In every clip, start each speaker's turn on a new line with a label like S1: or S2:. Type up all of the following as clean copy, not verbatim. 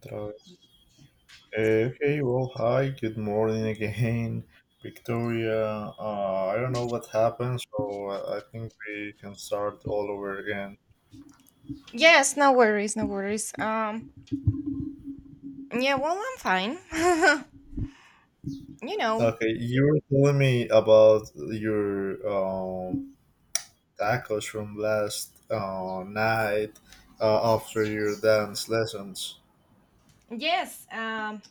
S1: Tra- Okay, well, hi, good morning again, Victoria. I don't know what happened, so I think we can start all over again.
S2: Yes, no worries, no worries. Yeah, well, I'm fine. you know,
S1: Okay, you were telling me about your tacos from last night after your dance lessons.
S2: yes, um,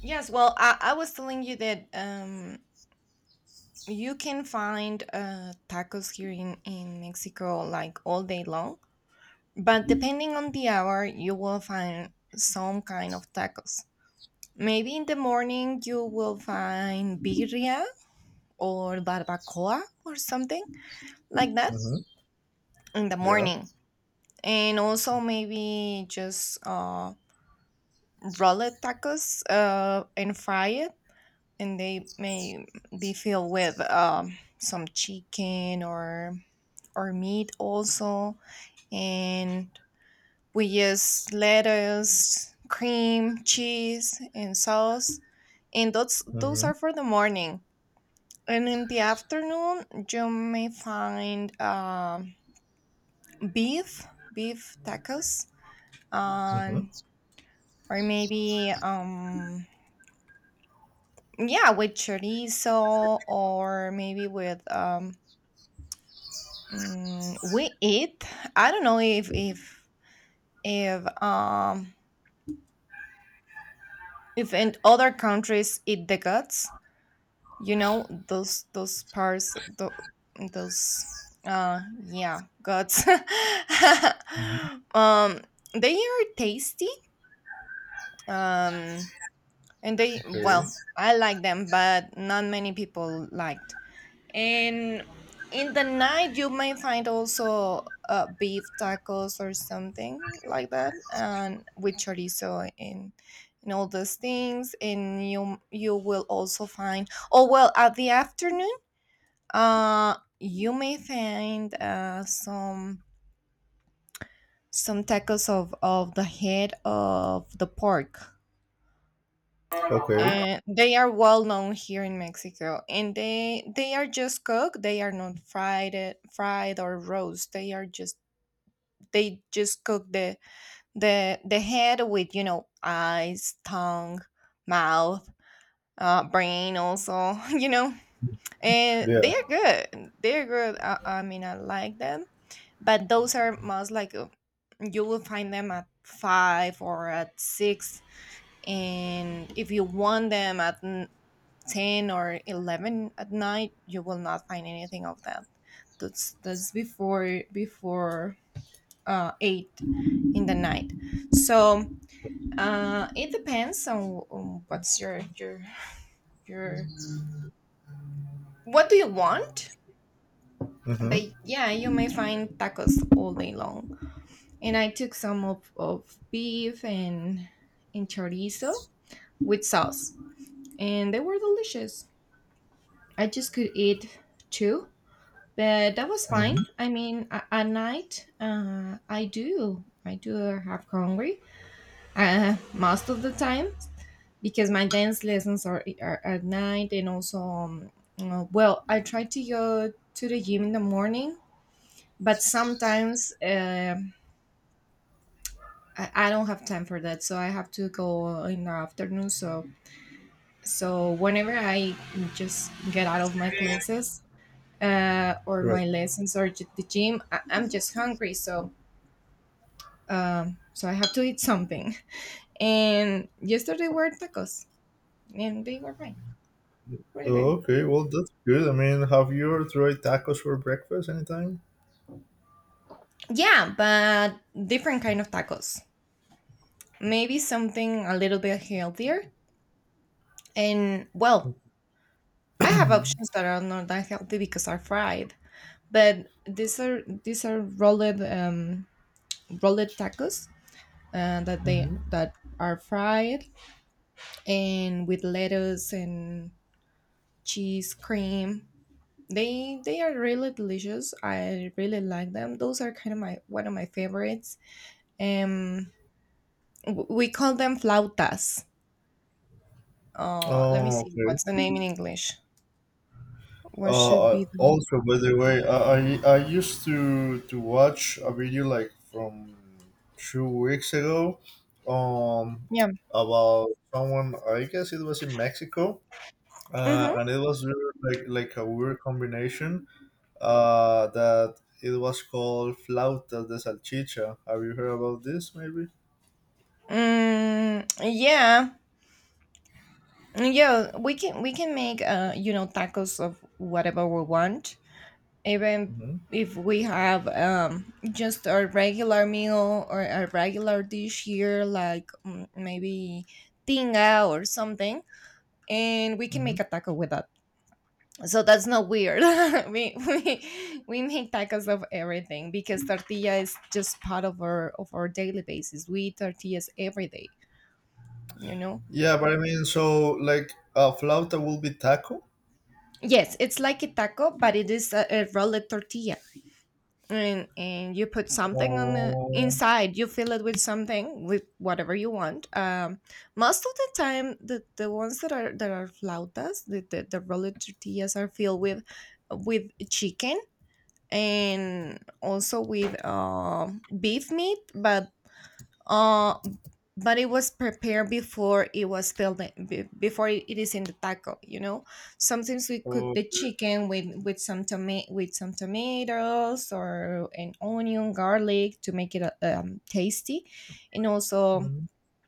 S2: yes. Well, I was telling you that you can find tacos here in Mexico like all day long, but depending on the hour, you will find some kind of tacos. Maybe in the morning you will find birria or barbacoa or something like that
S1: Mm-hmm.
S2: in the
S1: Yeah.
S2: morning, and also maybe just roller tacos, and fry it, and they may be filled with some chicken or meat also. And we use lettuce, cream cheese, and sauce, and those
S1: Mm-hmm.
S2: are for the morning. And in the afternoon you may find, beef, beef tacos um, or maybe um, yeah, with chorizo, or maybe with we eat, I don't know if if um in other countries eat the guts, you know, those parts , those, yeah, guts.
S1: Mm-hmm.
S2: um they are tasty. um and they,
S1: Okay.
S2: well, I like them, but not many people like. And in the night, you may find also beef tacos or something like that, and with chorizo and all those things. And you will also find, oh well, at the afternoon, you may find some tacos of the head of the pork,
S1: Okay.
S2: and they are well known here in Mexico. And they are just cooked. They are not fried or roast. They are just, they just cook the the head with, you know, eyes, tongue, mouth, brain also. You know, and
S1: Yeah.
S2: they are good. They are good. I mean, I like them. But those are most like, you will find them at five or at six, and if you want them at 10 or 11 at night you will not find anything of that. That's before 8 in the night. So it depends on what's your your what do you want. But
S1: Mm-hmm.
S2: yeah, you may find tacos all day long, and I took some of beef and chorizo with sauce, and they were delicious. I just could eat two, but that was fine.
S1: Mm-hmm.
S2: I mean, at night, I do have hungry most of the time, because my dance lessons are at night, and also, well, I try to go to the gym in the morning, but sometimes I don't have time for that, so I have to go in the afternoon. So, so whenever I just get out of my classes, or
S1: Right.
S2: my lessons or the gym. I'm just hungry, so so I have to eat something. And yesterday were tacos, and they were fine, really good.
S1: Oh, okay, well, that's good. I mean, have you ever tried tacos for breakfast anytime?
S2: Yeah, but different kind of tacos. Maybe something a little bit healthier. And well, I have options that are not that healthy because are fried, but these are rolled, rolled tacos, that they
S1: Mm-hmm.
S2: that are fried, and with lettuce and cheese cream. They are really delicious. I really like them. Those are kind of my one of my favorites. Um, we call them flautas. Let me
S1: Oh,
S2: see
S1: okay.
S2: what's the name in English. What should be the
S1: Also, by the way, I used to watch a video like from 2 weeks ago, um,
S2: yeah.
S1: about someone. I guess it was in Mexico,
S2: Mm-hmm.
S1: and it was really like a weird combination. That it was called flautas de salchicha. Have you heard about this? Maybe.
S2: Mm, yeah. Yeah, we can make, you know, tacos of whatever we want. Even
S1: Mm-hmm.
S2: if we have just a regular meal or a regular dish here like, maybe tinga or something, and we can make a taco with that. So that's not weird. We make tacos of everything because tortilla is just part of our daily basis. We eat tortillas every day, you know.
S1: Yeah, but I mean, so like flauta will be taco.
S2: Yes, it's like a taco, but it is a rolled tortilla, and you put something on the
S1: Uh,
S2: inside. You fill it with something, with whatever you want. Most of the time the ones that are flautas, the rolled tortillas, are filled with chicken, and also with beef meat. Uh, but it was prepared before. It was filled in before it it is in the taco, you know. Sometimes we cook the
S1: okay.
S2: chicken with some with some tomatoes or an onion, garlic, to make it tasty. And also,
S1: Hmm,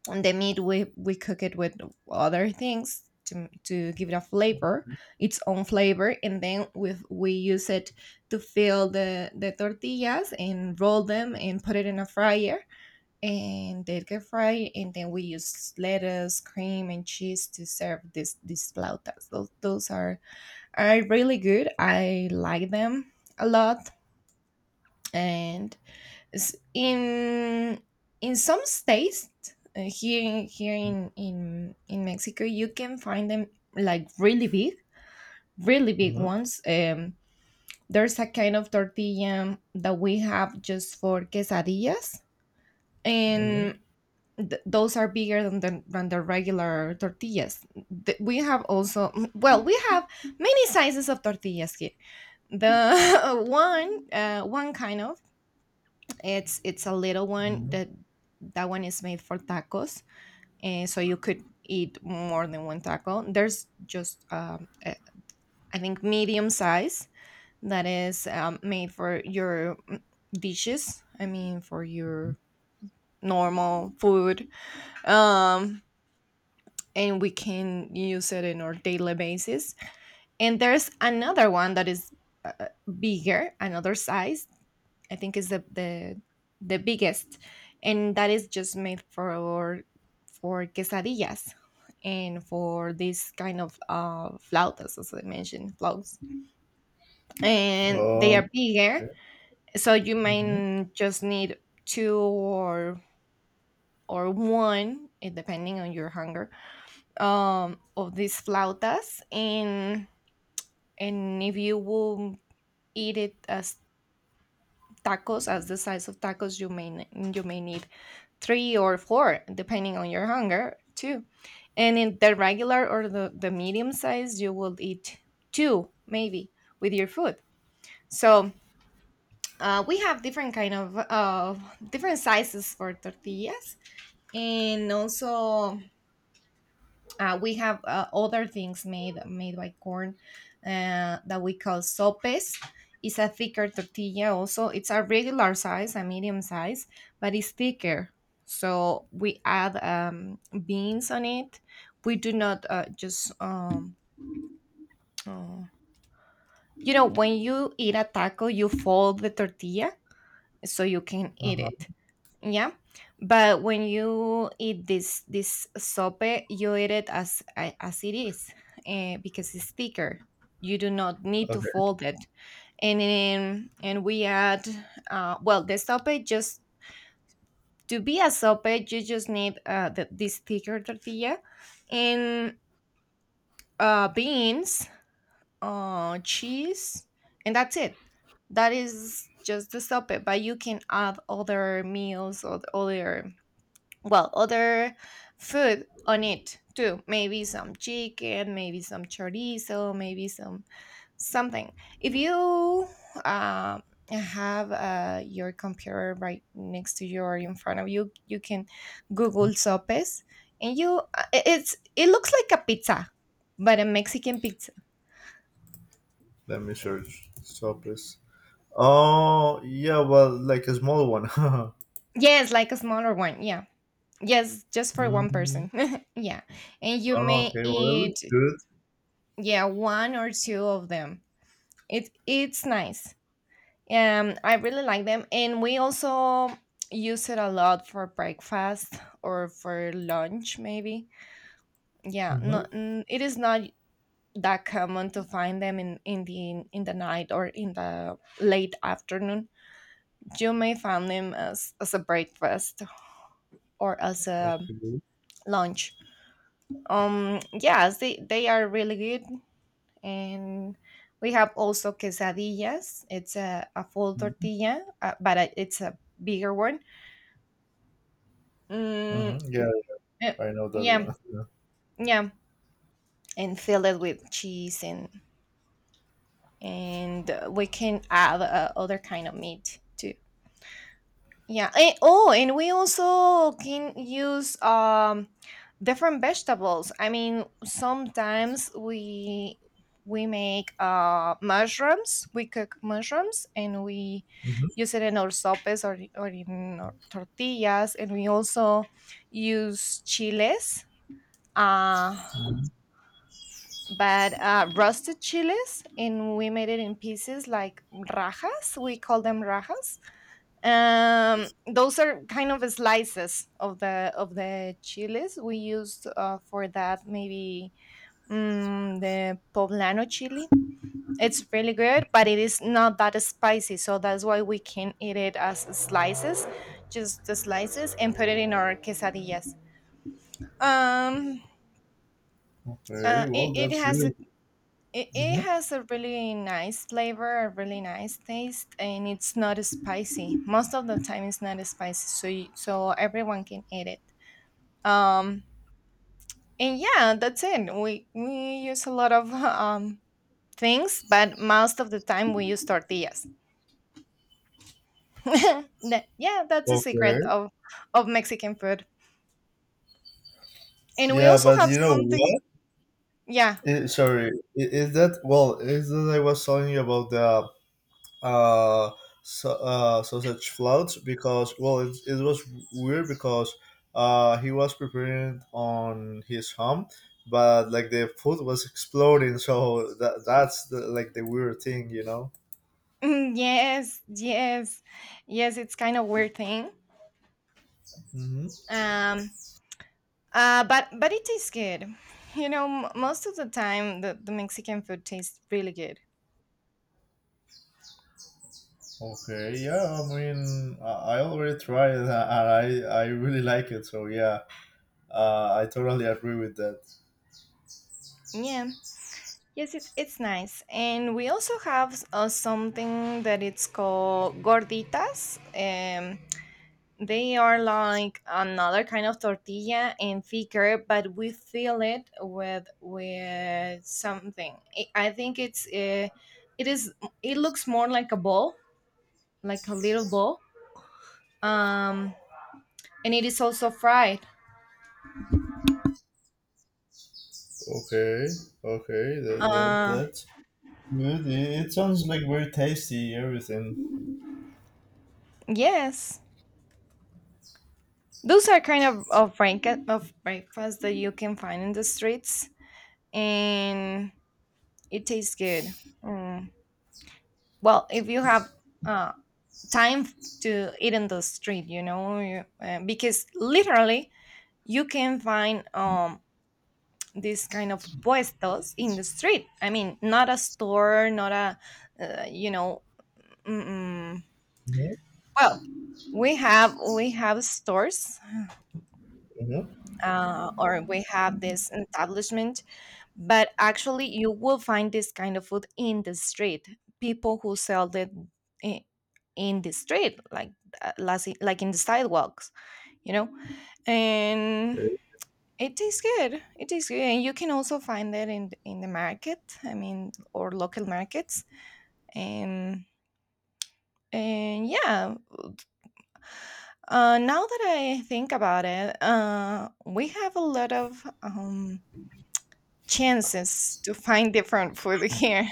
S2: on the meat, we cook it with other things to give it a flavor, its own flavor, and then we use it to fill the tortillas, and roll them, and put it in a fryer, and they get fried. And then we use lettuce, cream, and cheese to serve this, these flautas. Those are really good. I like them a lot. And s- in in some states, here in in Mexico, you can find them like really big, really big
S1: hmm,
S2: ones. There's a kind of tortilla that we have just for quesadillas,
S1: hmm,
S2: and those are bigger than the regular tortillas. We have also, well, we have many sizes of tortillas here. The one, one kind of, it's a little one.
S1: hmm.
S2: That that one is made for tacos, and so you could eat more than one taco. There's just, I think medium size, that is made for your, dishes. I mean, for your normal food. Um, and we can use it in our daily basis. And there's another one that is uh, bigger, another size. I think is the biggest, and that is just made for quesadillas and for this kind of, flautas, as I mentioned, flautas. And they are bigger,
S1: Okay.
S2: so you
S1: Hmm.
S2: might just need two or one, eh, depending on your hunger, of these flautas. And if you will eat it as tacos, as the size of tacos, you may you may need three or four depending on your hunger too. And in the regular, or the medium size, you will eat two maybe with your food. So we have different kind of, different sizes for tortillas. And also, uh, we have other things made by corn, that we call sopes. It's a thicker tortilla. Also, it's a regular size, a medium size, but it's thicker. So we add, beans on it. We do not just uh, you know, when you eat a taco, you fold the tortilla so you can eat
S1: Uh-huh.
S2: it. Yeah, but when you eat this sope, you eat it as, as it is, eh, because it's thicker. You do not need to
S1: Okay.
S2: fold it. And then, and we add, well, the sope, just to be a sope, you just need, the, this thicker tortilla, and beans, cheese, and that's it. That is just the sope. But you can add other meals or other, well, other food on it too. Maybe some chicken, maybe some chorizo, maybe some something. If you uh, have your computer right next to you or in front of you, you can google sopes. And you, it looks like a pizza, but a Mexican pizza.
S1: Let me search sopes. Oh, yeah. Well, like a small one.
S2: Yes, like a smaller one, yeah. Yes, just for one
S1: Hmm.
S2: person. yeah. And you
S1: Oh,
S2: may
S1: okay. Well, it
S2: eat,
S1: looks good.
S2: yeah, one or two of them. It it's nice. I really like them, and we also use it a lot for breakfast or for lunch, maybe. Yeah,
S1: Mm-hmm.
S2: no, mm, it is not that common to find them in in the night or in the late afternoon. You may find them as a breakfast, or as a
S1: Okay.
S2: lunch. Yes, they are really good. And we have also quesadillas. It's a full tortilla, but it's a bigger one. Mm,
S1: Mm-hmm. Yeah,
S2: uh,
S1: I know that
S2: yeah,
S1: one. Yeah.
S2: yeah, and fill it with cheese and, we can add, other kind of meat too. Yeah. Eh, oh, and we also can use, different vegetables. I mean, sometimes we make mushrooms. We cook mushrooms and we use it in our sopes or in our tortillas. And we also use chiles. Uh
S1: Mm-hmm.
S2: but roasted chiles, and we made it in pieces like rajas, we call them rajas. Those are kind of slices of the chiles. We used, for that maybe, the poblano chili. It's really good, but it is not that spicy, so that's why we can eat it as slices, just the slices, and put it in our quesadillas. um
S1: Okay. Well,
S2: it
S1: that's
S2: has,
S1: good.
S2: it
S1: Mm-hmm.
S2: has a really nice flavor, a really nice taste, and it's not spicy. Most of the time, it's not spicy, so you, so everyone can eat it. Um, and yeah, that's it. We use a lot of things, but most of the time we use tortillas. Yeah, that's the
S1: Okay.
S2: secret of Mexican food. And we
S1: Yeah,
S2: also
S1: but
S2: have
S1: you know
S2: something.
S1: what?
S2: Yeah.
S1: Eh, sorry, is that well? Is that I was telling you about the uh, sausage flout because well, it was weird because he was preparing on his home, but like the food was exploding, so that's like the weird thing.
S2: Mm, yes, yes, yes. It's kind of weird thing.
S1: Hmm.
S2: Um, but it tastes good. Most of the time the Mexican food tastes really good.
S1: Okay, yeah, I mean, I already tried it and I really like it, so yeah, I totally agree with that.
S2: Yeah. Yes, it's nice. And we also have something that it's called gorditas. They are like another kind of tortilla and thicker, but we fill it with something. I think it's it is it looks more like a ball, like a little ball. Um, and it is also fried.
S1: Okay, okay, that, that,
S2: Uh,
S1: that good. It sounds like very tasty, everything.
S2: yes, those are kind of breakfast that you can find in the streets, and it tastes good. Mm. Well, if you have uh, time to eat in the street, you know, because literally you can find this kind of puestos in the street. I mean, not a store, not a uh, you know, mm-mm.
S1: Mm-hmm.
S2: Well, we have stores, or we have this establishment, but actually you will find this kind of food in the street. People who sell it in, in the street, like like in the sidewalks, you know, and it tastes good. It tastes good, and you can also find it in the market. I mean, or local markets, and and yeah. Now that I think about it, we have a lot of chances to find different food here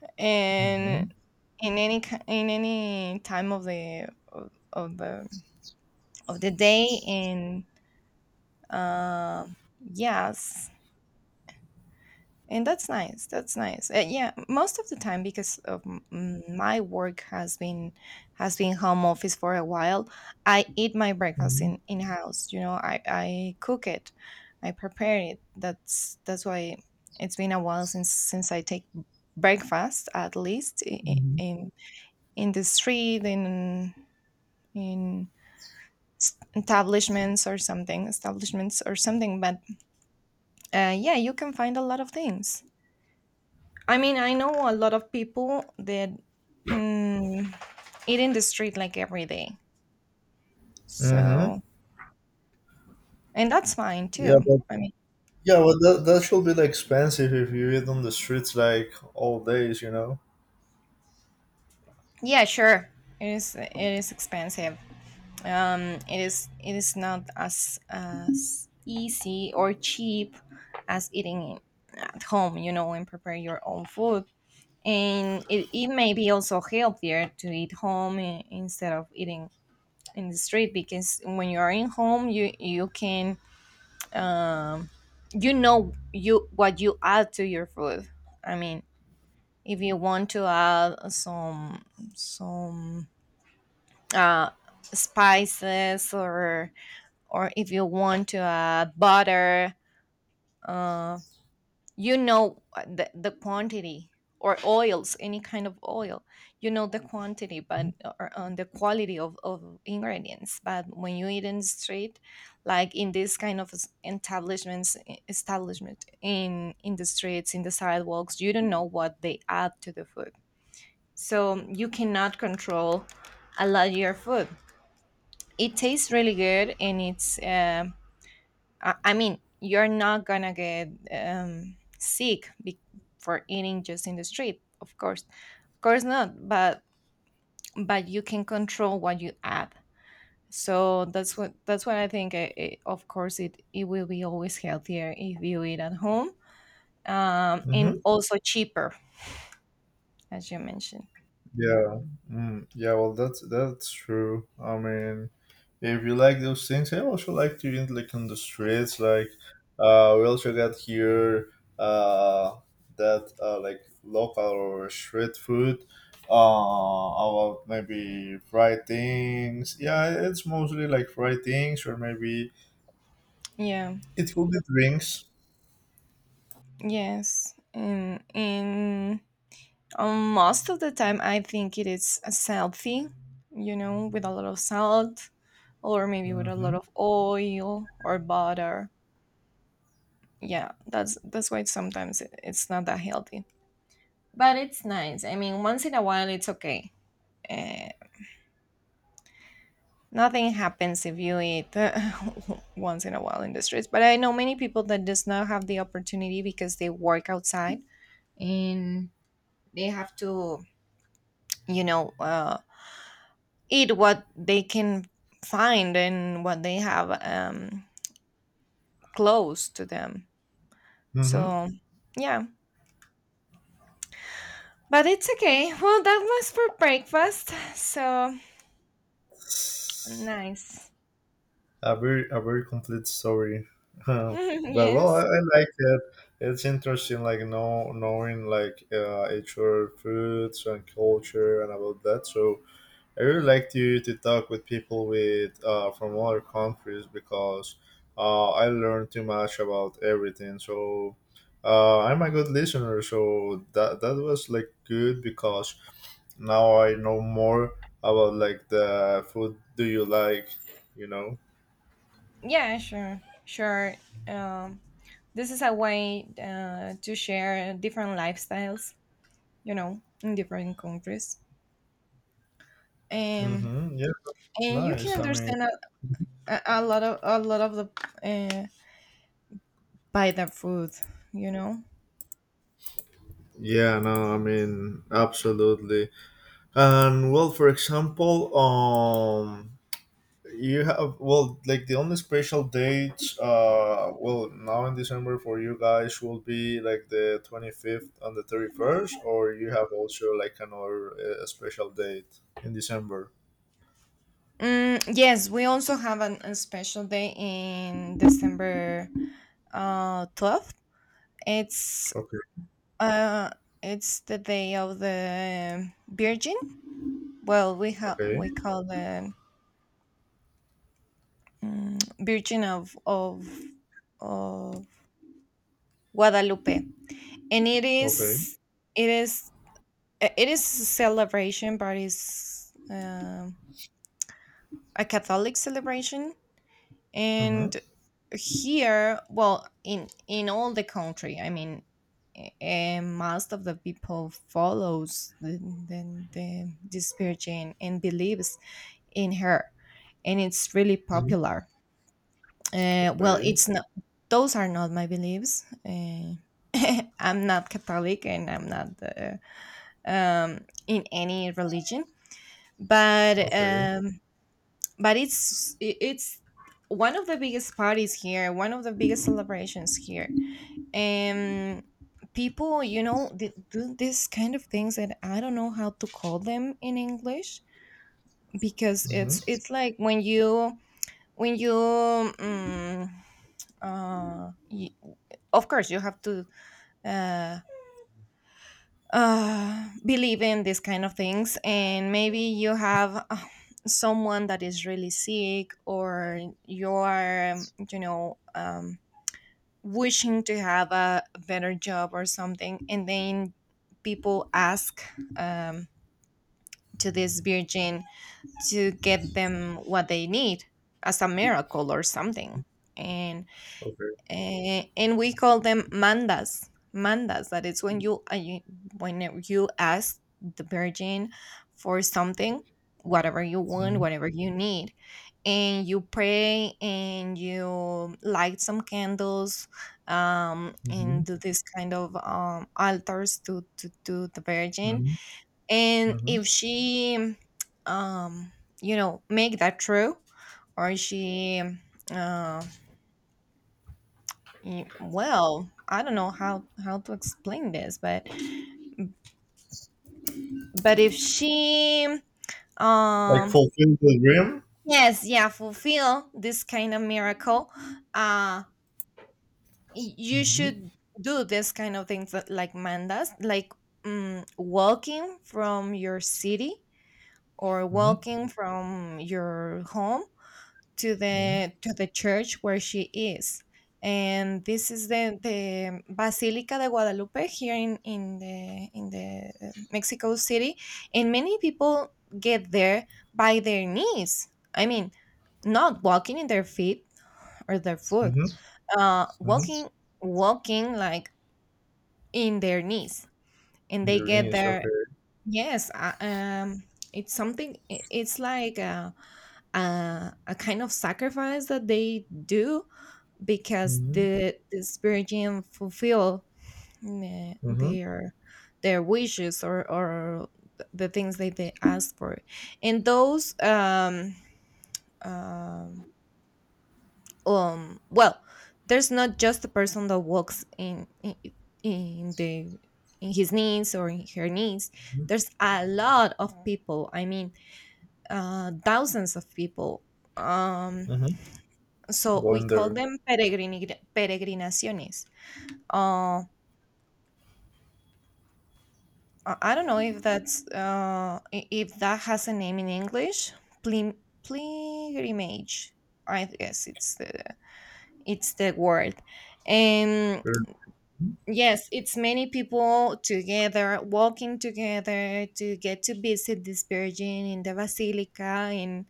S1: Mm-hmm.
S2: and in any time of the day and um yes. And that's nice. That's nice. Yeah, most of the time, because of my work has been home office for a while. I eat my breakfast in house. You know, I cook it, I prepare it. That's why it's been a while since I take breakfast, at least
S1: Mm-hmm.
S2: in, in the street, in establishments or something. But yeah, you can find a lot of things. I mean, I know a lot of people that mm, eat in the street like every day.
S1: Mm-hmm.
S2: So, and that's fine
S1: Yeah,
S2: too.
S1: but
S2: I mean,
S1: yeah, but that should be like expensive if you eat on the streets like all days.
S2: yeah, sure. It is expensive. Um, it is not as easy or cheap as eating at home, you know, and prepare your own food. And it may be also healthier to eat home instead of eating in the street, because when you are in home, you can um, you know you what you add to your food. I mean, if you want to add some uh, spices, or if you want to add butter, uh, you know, the quantity, or oils, any kind of oil, you know, the quantity, but or on the quality of ingredients. But when you eat in the street, like in this kind of establishment, in the streets, in the sidewalks, you don't know what they add to the food, so you cannot control a lot of your food. It tastes really good, and it's I mean, you're not gonna get sick for eating just in the street. Of course, of course not. But you can control what you add. So that's what I think. Of course, it will be always healthier if you eat at home, and
S1: Mm-hmm.
S2: also cheaper, as you mentioned.
S1: Yeah, mm, yeah. Well, that's true. I mean, if you like those things, I also like to eat like on the streets. Like, we also got here uh that like local or street food, about maybe fried things. Yeah, it's mostly like fried things or maybe
S2: Yeah.
S1: it could be drinks.
S2: Yes. And Most of the time, I think it is a selfie, you know, with a lot of salt, or maybe with a lot
S1: Mm-hmm.
S2: of oil or butter. Yeah, that's why sometimes it's not that healthy, but it's nice. I mean, once in a while, it's okay. Uh, Nothing happens if you eat once in a while in the streets. But I know many people that does not have the opportunity, because they work outside, and they have to, you know, eat what they can find and what they have, close to them.
S1: Mm-hmm.
S2: So, yeah, but it's okay. Well, that was for breakfast. So nice.
S1: A very complete story. But well, I,
S2: Yes.
S1: I like it. It's interesting, like knowing like each other foods and culture and about that. So I really like to talk with people with from other countries because I learn too much about everything. So I'm a good listener. So that was like good because now I know more about like the food do you like, you know.
S2: Yeah, sure. Sure. Um, this is a way to share different lifestyles, you know, in different countries. Um,
S1: Mm-hmm. Yeah, it's
S2: and you can
S1: nice. I mean,
S2: understand a lot of the uh, by the food, you know.
S1: yeah, no, I mean, absolutely. And well, for example, you have well, like the only special dates, well, now in December for you guys will be like the 25th and the 31st, or you have also like another special date in December.
S2: Yes, we also have a special day in December, 12th. It's
S1: Okay.
S2: uh, it's the day of the Virgin. Well,
S1: Okay.
S2: we call the Virgin of of Guadalupe, and
S1: Okay.
S2: it is it is a celebration, but it's a Catholic celebration. And
S1: Mm-hmm.
S2: here, well, in all the country, I mean, and most of the people follows the this spirit and believes in her, and it's really
S1: Mm-hmm.
S2: popular. Well,
S1: Okay.
S2: it's not... those are not my beliefs. I'm not Catholic, and I'm not in any religion. but
S1: Okay.
S2: um, but it's it's one of the biggest parties here, one of the biggest celebrations here. And people, you know, do this kind of things that I don't know how to call them in English, because it's
S1: Mm-hmm.
S2: it's like when you... when you um, uh, y- of course you have to uh, believe in these kind of things, and maybe you have someone that is really sick, or you're, you know, wishing to have a better job or something, and then people ask, um, to this virgin to get them what they need as a miracle or something. and
S1: Okay.
S2: uh, and we call them mandas. Mandas, that is when you when you ask the virgin for something, whatever you want,
S1: Mm-hmm.
S2: whatever you need, and you pray and you light some candles,
S1: Mm-hmm.
S2: and do this kind of altars to the virgin, and
S1: Mm-hmm.
S2: if she, um, you know, make that true, or she, um, well, I don't know how to explain this. But if she,
S1: Like
S2: um
S1: fulfill the dream.
S2: yes, yeah, fulfill this kind of miracle, uh you
S1: Mm-hmm.
S2: should do this kind of things that like Manda's, like walking from your city, or
S1: Mm-hmm.
S2: walking from your home to
S1: Mm-hmm.
S2: the church where she is. And this is the Basilica de Guadalupe, here in the Mexico City. And many people get there by their knees, I mean, not walking in their feet or their foot.
S1: Mm-hmm.
S2: uh
S1: Mm-hmm.
S2: walking Walking like in their knees, and they
S1: Their
S2: get
S1: knees,
S2: there.
S1: okay.
S2: Yes. It's something, it's like a kind of sacrifice that they do, because
S1: Mm-hmm.
S2: the spirit gene fulfill, mm,
S1: Mm-hmm.
S2: their their wishes, or the things that they ask for. And those, um well, there's not just a person that walks in the in his knees or in her knees. There's a lot of people, I mean, thousands of people. um
S1: Mm-hmm.
S2: so
S1: Go
S2: we
S1: in
S2: call
S1: there.
S2: them peregrinaciones. uh, I don't know if that's, if that has a name in English. Plim- Pilgrimage, I guess it's the word. Um
S1: Mm-hmm.
S2: yes, it's many people together walking together to get to visit this Virgin in the Basilica, and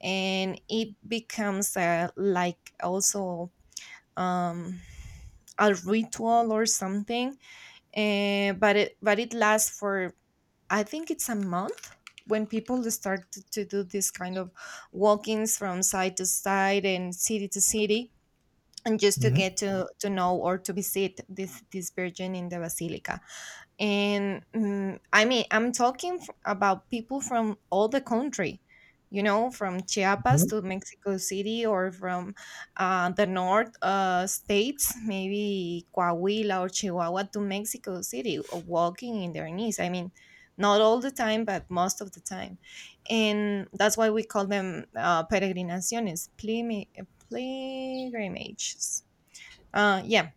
S2: and it becomes like also, um a ritual or something. But it lasts for, I think, it's a month, when people start to do this kind of walkings from side to side and city to city, and just to
S1: Mm-hmm.
S2: get to know or to visit this virgin in the basilica. And, I mean, I'm talking about people from all the country, you know, from Chiapas
S1: Mm-hmm.
S2: to Mexico City, or from the north states, maybe Coahuila or Chihuahua, to Mexico City, walking in their knees, I mean, not all the time, but most of the time. And that's why we call them peregrinaciones, pilgrimages. Yeah,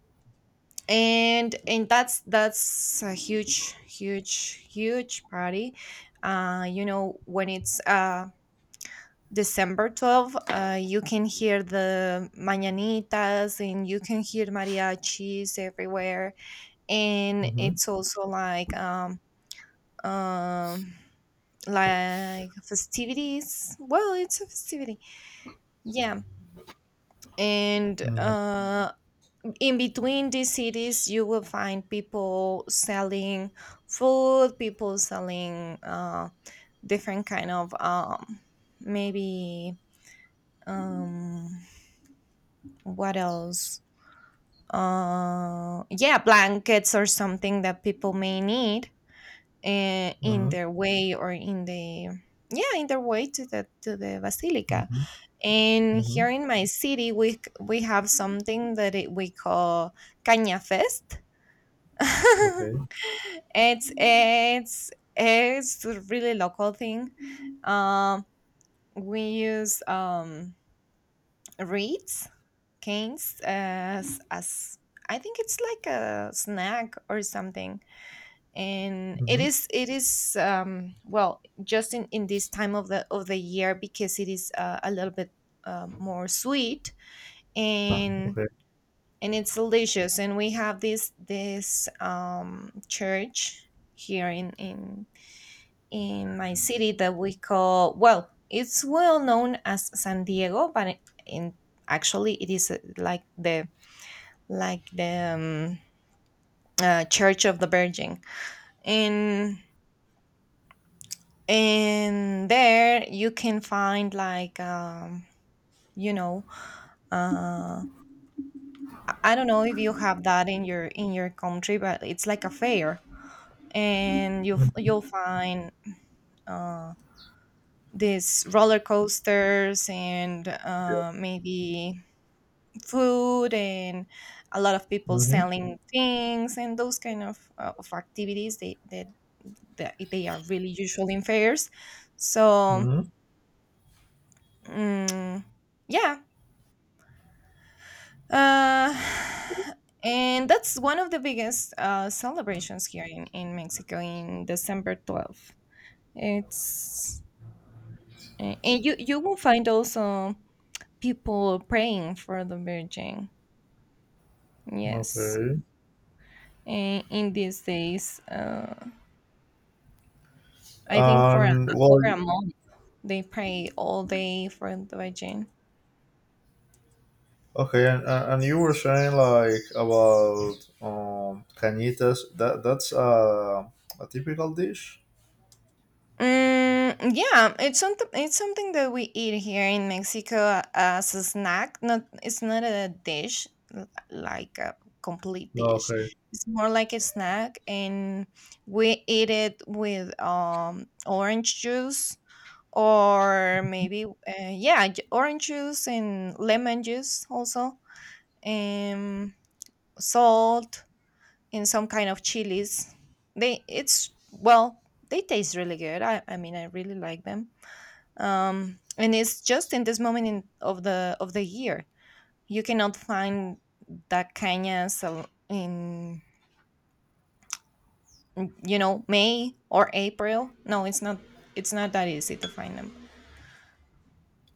S2: and that's, a huge, huge, huge party. You know, when it's December 12th, you can hear the mañanitas, and you can hear mariachis everywhere, and
S1: Mm-hmm.
S2: it's also um like festivities. Well, it's a festivity, yeah. And in between these cities, you will find people selling food, people selling different kind of, maybe, um, what else, yeah, blankets or something that people may need in
S1: Mm-hmm.
S2: their way, or in the... yeah, in their way to the basilica.
S1: Mm-hmm.
S2: And
S1: Mm-hmm.
S2: here in my city, we have something that, we call caña fest.
S1: Okay.
S2: It's it's it's a really local thing. Um, we use reeds, canes, as I think it's like a snack or something. And it
S1: Mm-hmm.
S2: is it is well just in this time of the year because it is a little bit more sweet and
S1: Okay.
S2: and it's delicious. And we have this church here in in my city that we call, well, it's well known as San Diego, but it- in actually it is like the um, church of the Virgin. and and there you can find like you know uh I don't know if you have that in your country, but it's like a fair, and
S1: Hmm.
S2: you'll find uh these roller coasters and
S1: Yeah.
S2: maybe food, and a lot of people
S1: Mm-hmm.
S2: selling things and those kind of activities that that they are really usual in fairs. So
S1: Mm-hmm.
S2: mm, yeah. uh, and that's one of the biggest celebrations here in Mexico, in December 12th. It's and you will find also people praying for the Virgin. Yes,
S1: Okay.
S2: in these days. I think for
S1: And well,
S2: over a month they pray all day for the vagin.
S1: okay, and you were saying like about cañitas. That's a typical dish.
S2: Mm, yeah, it's something. It's something that we eat here in Mexico as a snack. Not, it's not a dish like a complete dish.
S1: Okay.
S2: It's more like a snack, and we eat it with orange juice, or maybe yeah, orange juice and lemon juice also, and salt in some kind of chilies. They it's, well, they taste really good. I mean, I really like them. And it's just in this moment of the year. You cannot find that cañas al- in you know, May or April. No, it's not. It's not that easy to find them.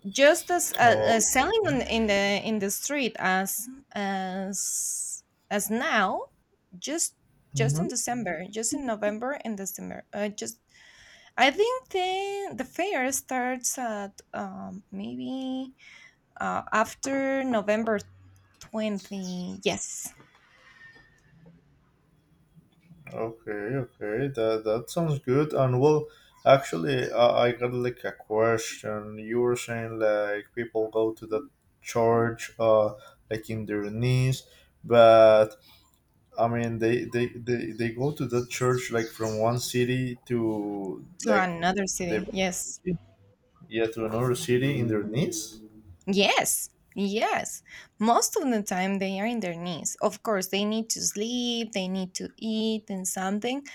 S2: Just as
S1: Oh.
S2: selling in the street as as now. just just in
S1: Hmm.
S2: December, just in November and December, just I think the fair starts at maybe after November 20. Yes,
S1: Okay, okay, that sounds good. And well, actually, I got like a question. You were saying like people go to the church, like in their knees, but I mean they go to the church like from one city to
S2: to
S1: like
S2: another
S1: the
S2: city. Yes,
S1: yeah, to another city in their knees.
S2: yes, yes. Most of the time they are in their knees. Of course, they need to sleep. They need to eat and something,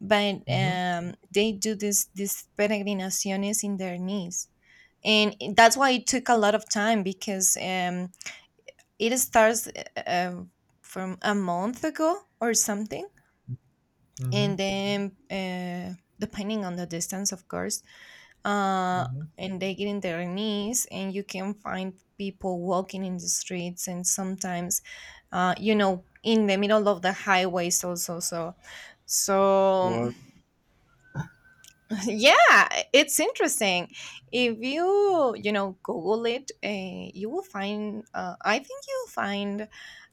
S2: but
S1: Mm-hmm.
S2: they do this peregrinaciones in their knees, and eh, that's why it took a lot of time because it starts from a month ago or something.
S1: Mm-hmm.
S2: And then depending on the distance, of course. uh,
S1: Mm-hmm.
S2: and they get in their knees, and you can find people walking in the streets, and sometimes you know, in the middle of the highways also. So so
S1: What?
S2: yeah, it's interesting. If you, you know, google it, you will find, I think you'll find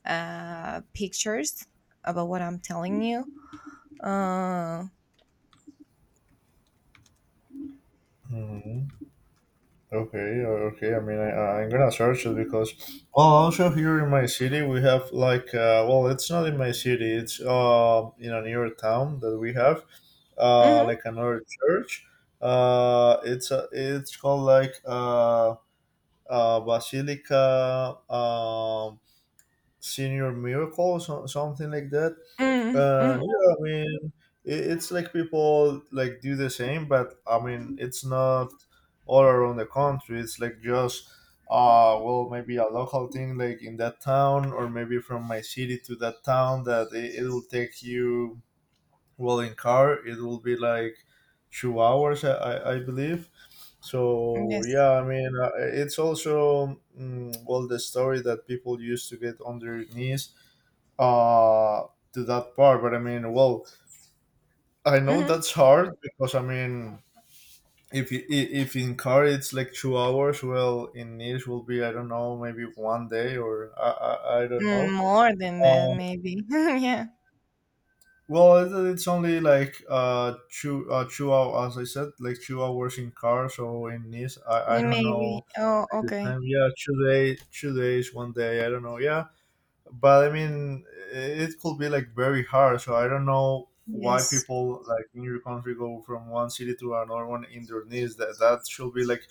S2: pictures about what I'm telling you. Uh,
S1: Okay, yeah, okay. I mean, I'm gonna search it because, well, also here in my city we have like, well, it's not in my city. It's in a newer town that we have,
S2: mhm.
S1: like another church. It's called like Basilica Senior Miracle, so, something like that.
S2: Mm mhm.
S1: Yeah, I mean, it's like people like do the same, but I mean, it's not all around the country. It's like just well, maybe a local thing, like in that town, or maybe from my city to that town. That it will take you well in car. It will be like 2 hours, I believe. So
S2: Yes.
S1: yeah, I mean, it's also well the story that people used to get on their knees uh to that part. But I mean, well, I know
S2: Hmm.
S1: that's hard because I mean, if you, I- if in car it's like 2 hours, well, in Nice will be I don't know maybe one day or I don't know.
S2: More than that,
S1: Uh,
S2: maybe. Yeah.
S1: well, it's only like 2 hours as I said, like 2 hours in car. So in Nice, I
S2: Yeah,
S1: don't
S2: maybe.
S1: know
S2: Oh,
S1: like the
S2: okay.
S1: time. Yeah, 2 days, one day. I don't know. Yeah, but I mean, it could be like very hard. So I don't know why
S2: Yes.
S1: people like in your country go from one city to another one in their knees. That should be like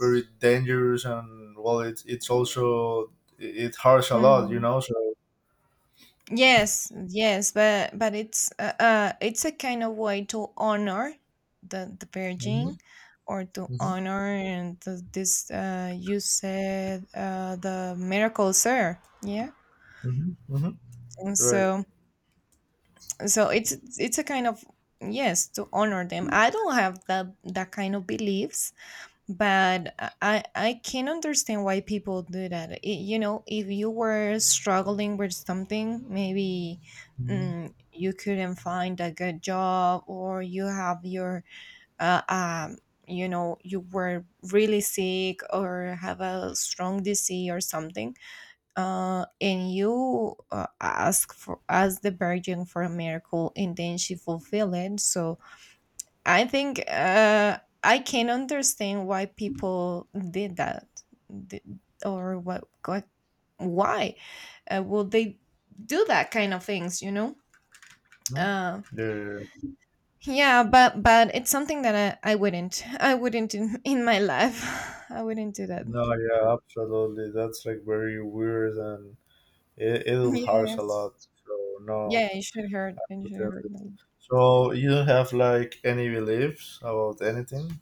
S1: very dangerous, and well, it's also it hurts a lot, you
S2: Mm-hmm.
S1: know. So
S2: Yes, yes, but it's a kind of way to honor the Virgin,
S1: Mhm,
S2: or to
S1: mhm,
S2: honor and the, this, uh, you said, uh, the miracle sir. Yeah.
S1: mhm, mhm.
S2: And
S1: Right.
S2: so so it's a kind of, yes, to honor them. I don't have that that kind of beliefs, but I can understand why people do that. It, you know, if you were struggling with something, maybe
S1: Mhm,
S2: you couldn't find a good job, or you have your uh, um you know, you were really sick or have a strong disease or something, and you, ask for, ask the Virgin for a miracle, and then she fulfilled it. So I think, I can understand why people did that. Th- or what, why would they do that kind of things? You know?
S1: mhm.
S2: uh,
S1: Yeah,
S2: yeah, but it's something that I wouldn't, I wouldn't in my life I wouldn't do that.
S1: no, yeah, absolutely. That's like very weird, and it hurts a
S2: Yes,
S1: lot. So no,
S2: yeah, it should hurt. It should hurt.
S1: pretended.
S2: Them.
S1: So you don't have like any beliefs about anything?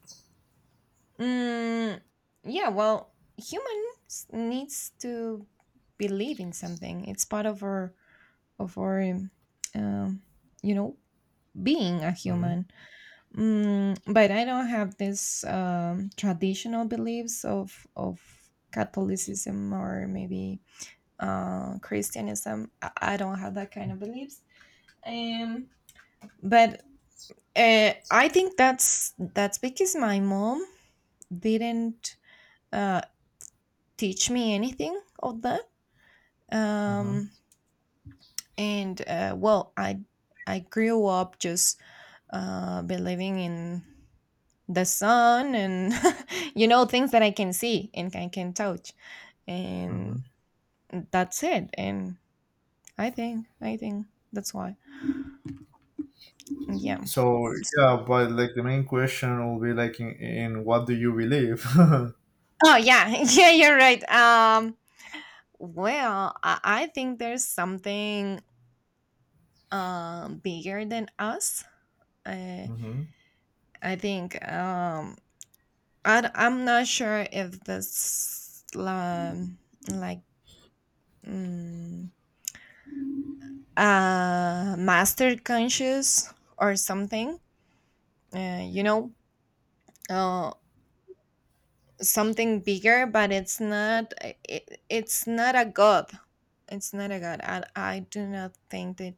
S2: Mm, yeah, well, humans needs to believe in something. It's part of our um, you know, being a
S1: Mm-hmm.
S2: human. Mm, but I don't have this traditional beliefs of Catholicism, or maybe Christianism. I don't have that kind of beliefs. um, but I think that's because my mom didn't uh, teach me anything of that.
S1: Mm-hmm.
S2: um, and well, I grew up just believing in the sun and you know, things that I can see and I can touch,
S1: Mm-hmm.
S2: and that's it. And I think that's why. Yeah.
S1: So yeah, but like the main question will be like in what do you believe? Mm-hmm.
S2: Oh yeah, yeah, you're right. Well, I think there's something bigger than us. I I think, I'm not sure if this, like. Mm, master conscious or something, you know, uh, something bigger, but it's not it's not a god. It's not a god. I do not think that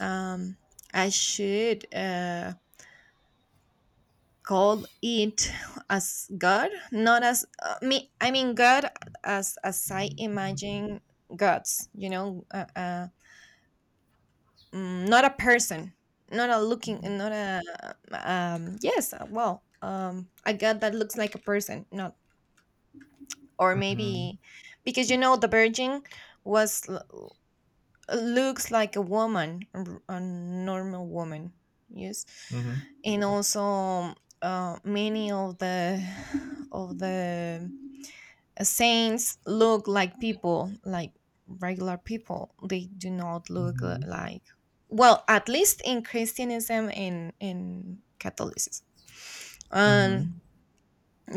S2: um, I should call it as god. Not as me, I mean god as I imagine gods, you know, mm, not a person, not a looking, not a Yes, well, a god that looks like a person, not. Or
S1: Mm-hmm.
S2: maybe, because you know, the Virgin was looks like a woman, a a normal woman. Yes,
S1: Mm-hmm.
S2: and also many of the saints look like people, like regular people. They do not look
S1: Mm-hmm.
S2: like, well, at least in Christianism and in Catholicism. Um,
S1: Mm-hmm.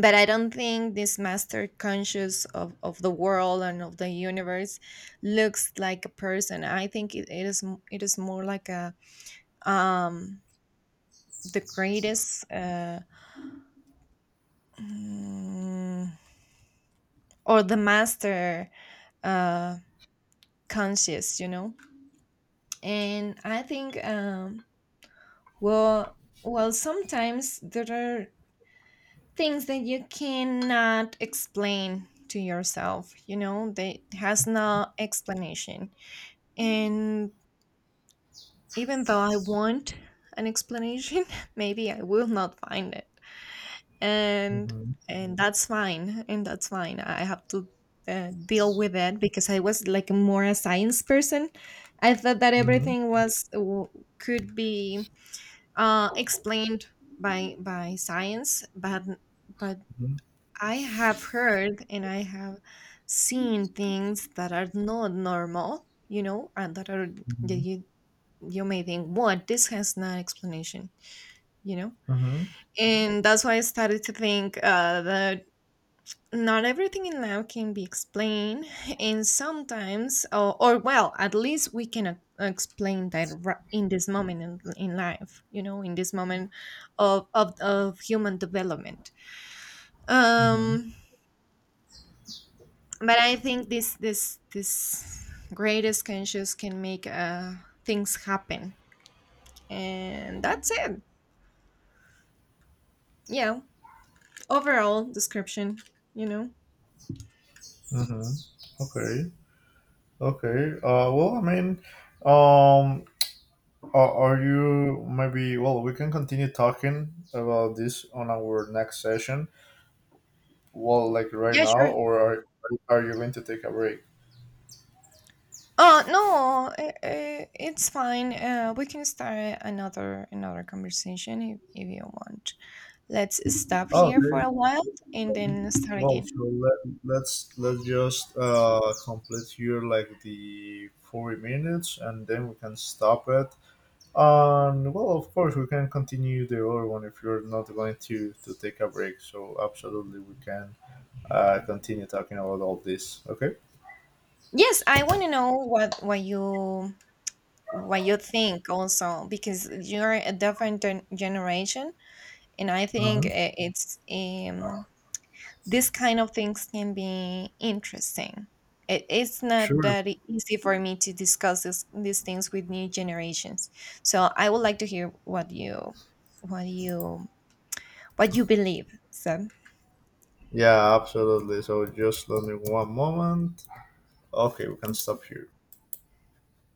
S2: but I don't think this master conscious of the world and of the universe looks like a person. I think it is it is more like a um the greatest mm, or the master uh conscious, you know. And I think, well, well, sometimes there are things that you cannot explain to yourself, you know, that has no explanation. And even though I want an explanation, maybe I will not find it. and
S1: Mm-hmm.
S2: and that's fine, and that's fine. I have to deal with it, because I was like more a science person. I thought that
S1: Mm-hmm.
S2: everything was could be explained by science, but
S1: Mm-hmm.
S2: I have heard and I have seen things that are not normal, you know, and that are that you may think, what, this has no explanation, you know.
S1: Mm-hmm.
S2: And that's why I started to think that not everything in life can be explained, and sometimes or well, at least we can explain that in this moment in life, you know, in this moment of human development.
S1: Mm-hmm.
S2: um but I think this this this greatest conscious can make things happen, and that's it. Yeah, overall description, you know.
S1: Mm-hmm. Okay. Okay. Well, I mean, um, are you maybe? Well, we can continue talking about this on our next session. Well, like right
S2: Yeah,
S1: now,
S2: sure.
S1: or are you going to take a break?
S2: No, I it's fine. We can start another another conversation if you want. Let's stop here for
S1: Okay.
S2: a while and then start
S1: Well, so
S2: again.
S1: let's just complete here like the 40 minutes and then we can stop it. And well, of course, we can continue the other one if you're not going to take a break. So, absolutely, we can continue talking about all this. Okay?
S2: Yes, I want to know what you what you think also, because you're a different generation, and I
S1: Uh
S2: think
S1: huh.
S2: it's these kind of things can be interesting. It, it's not
S1: Sure.
S2: that easy for me to discuss this, these things with new generations. So I would like to hear what you, what you, what you believe. So
S1: Yeah, absolutely. So, just let me one moment. Okay, we can stop here.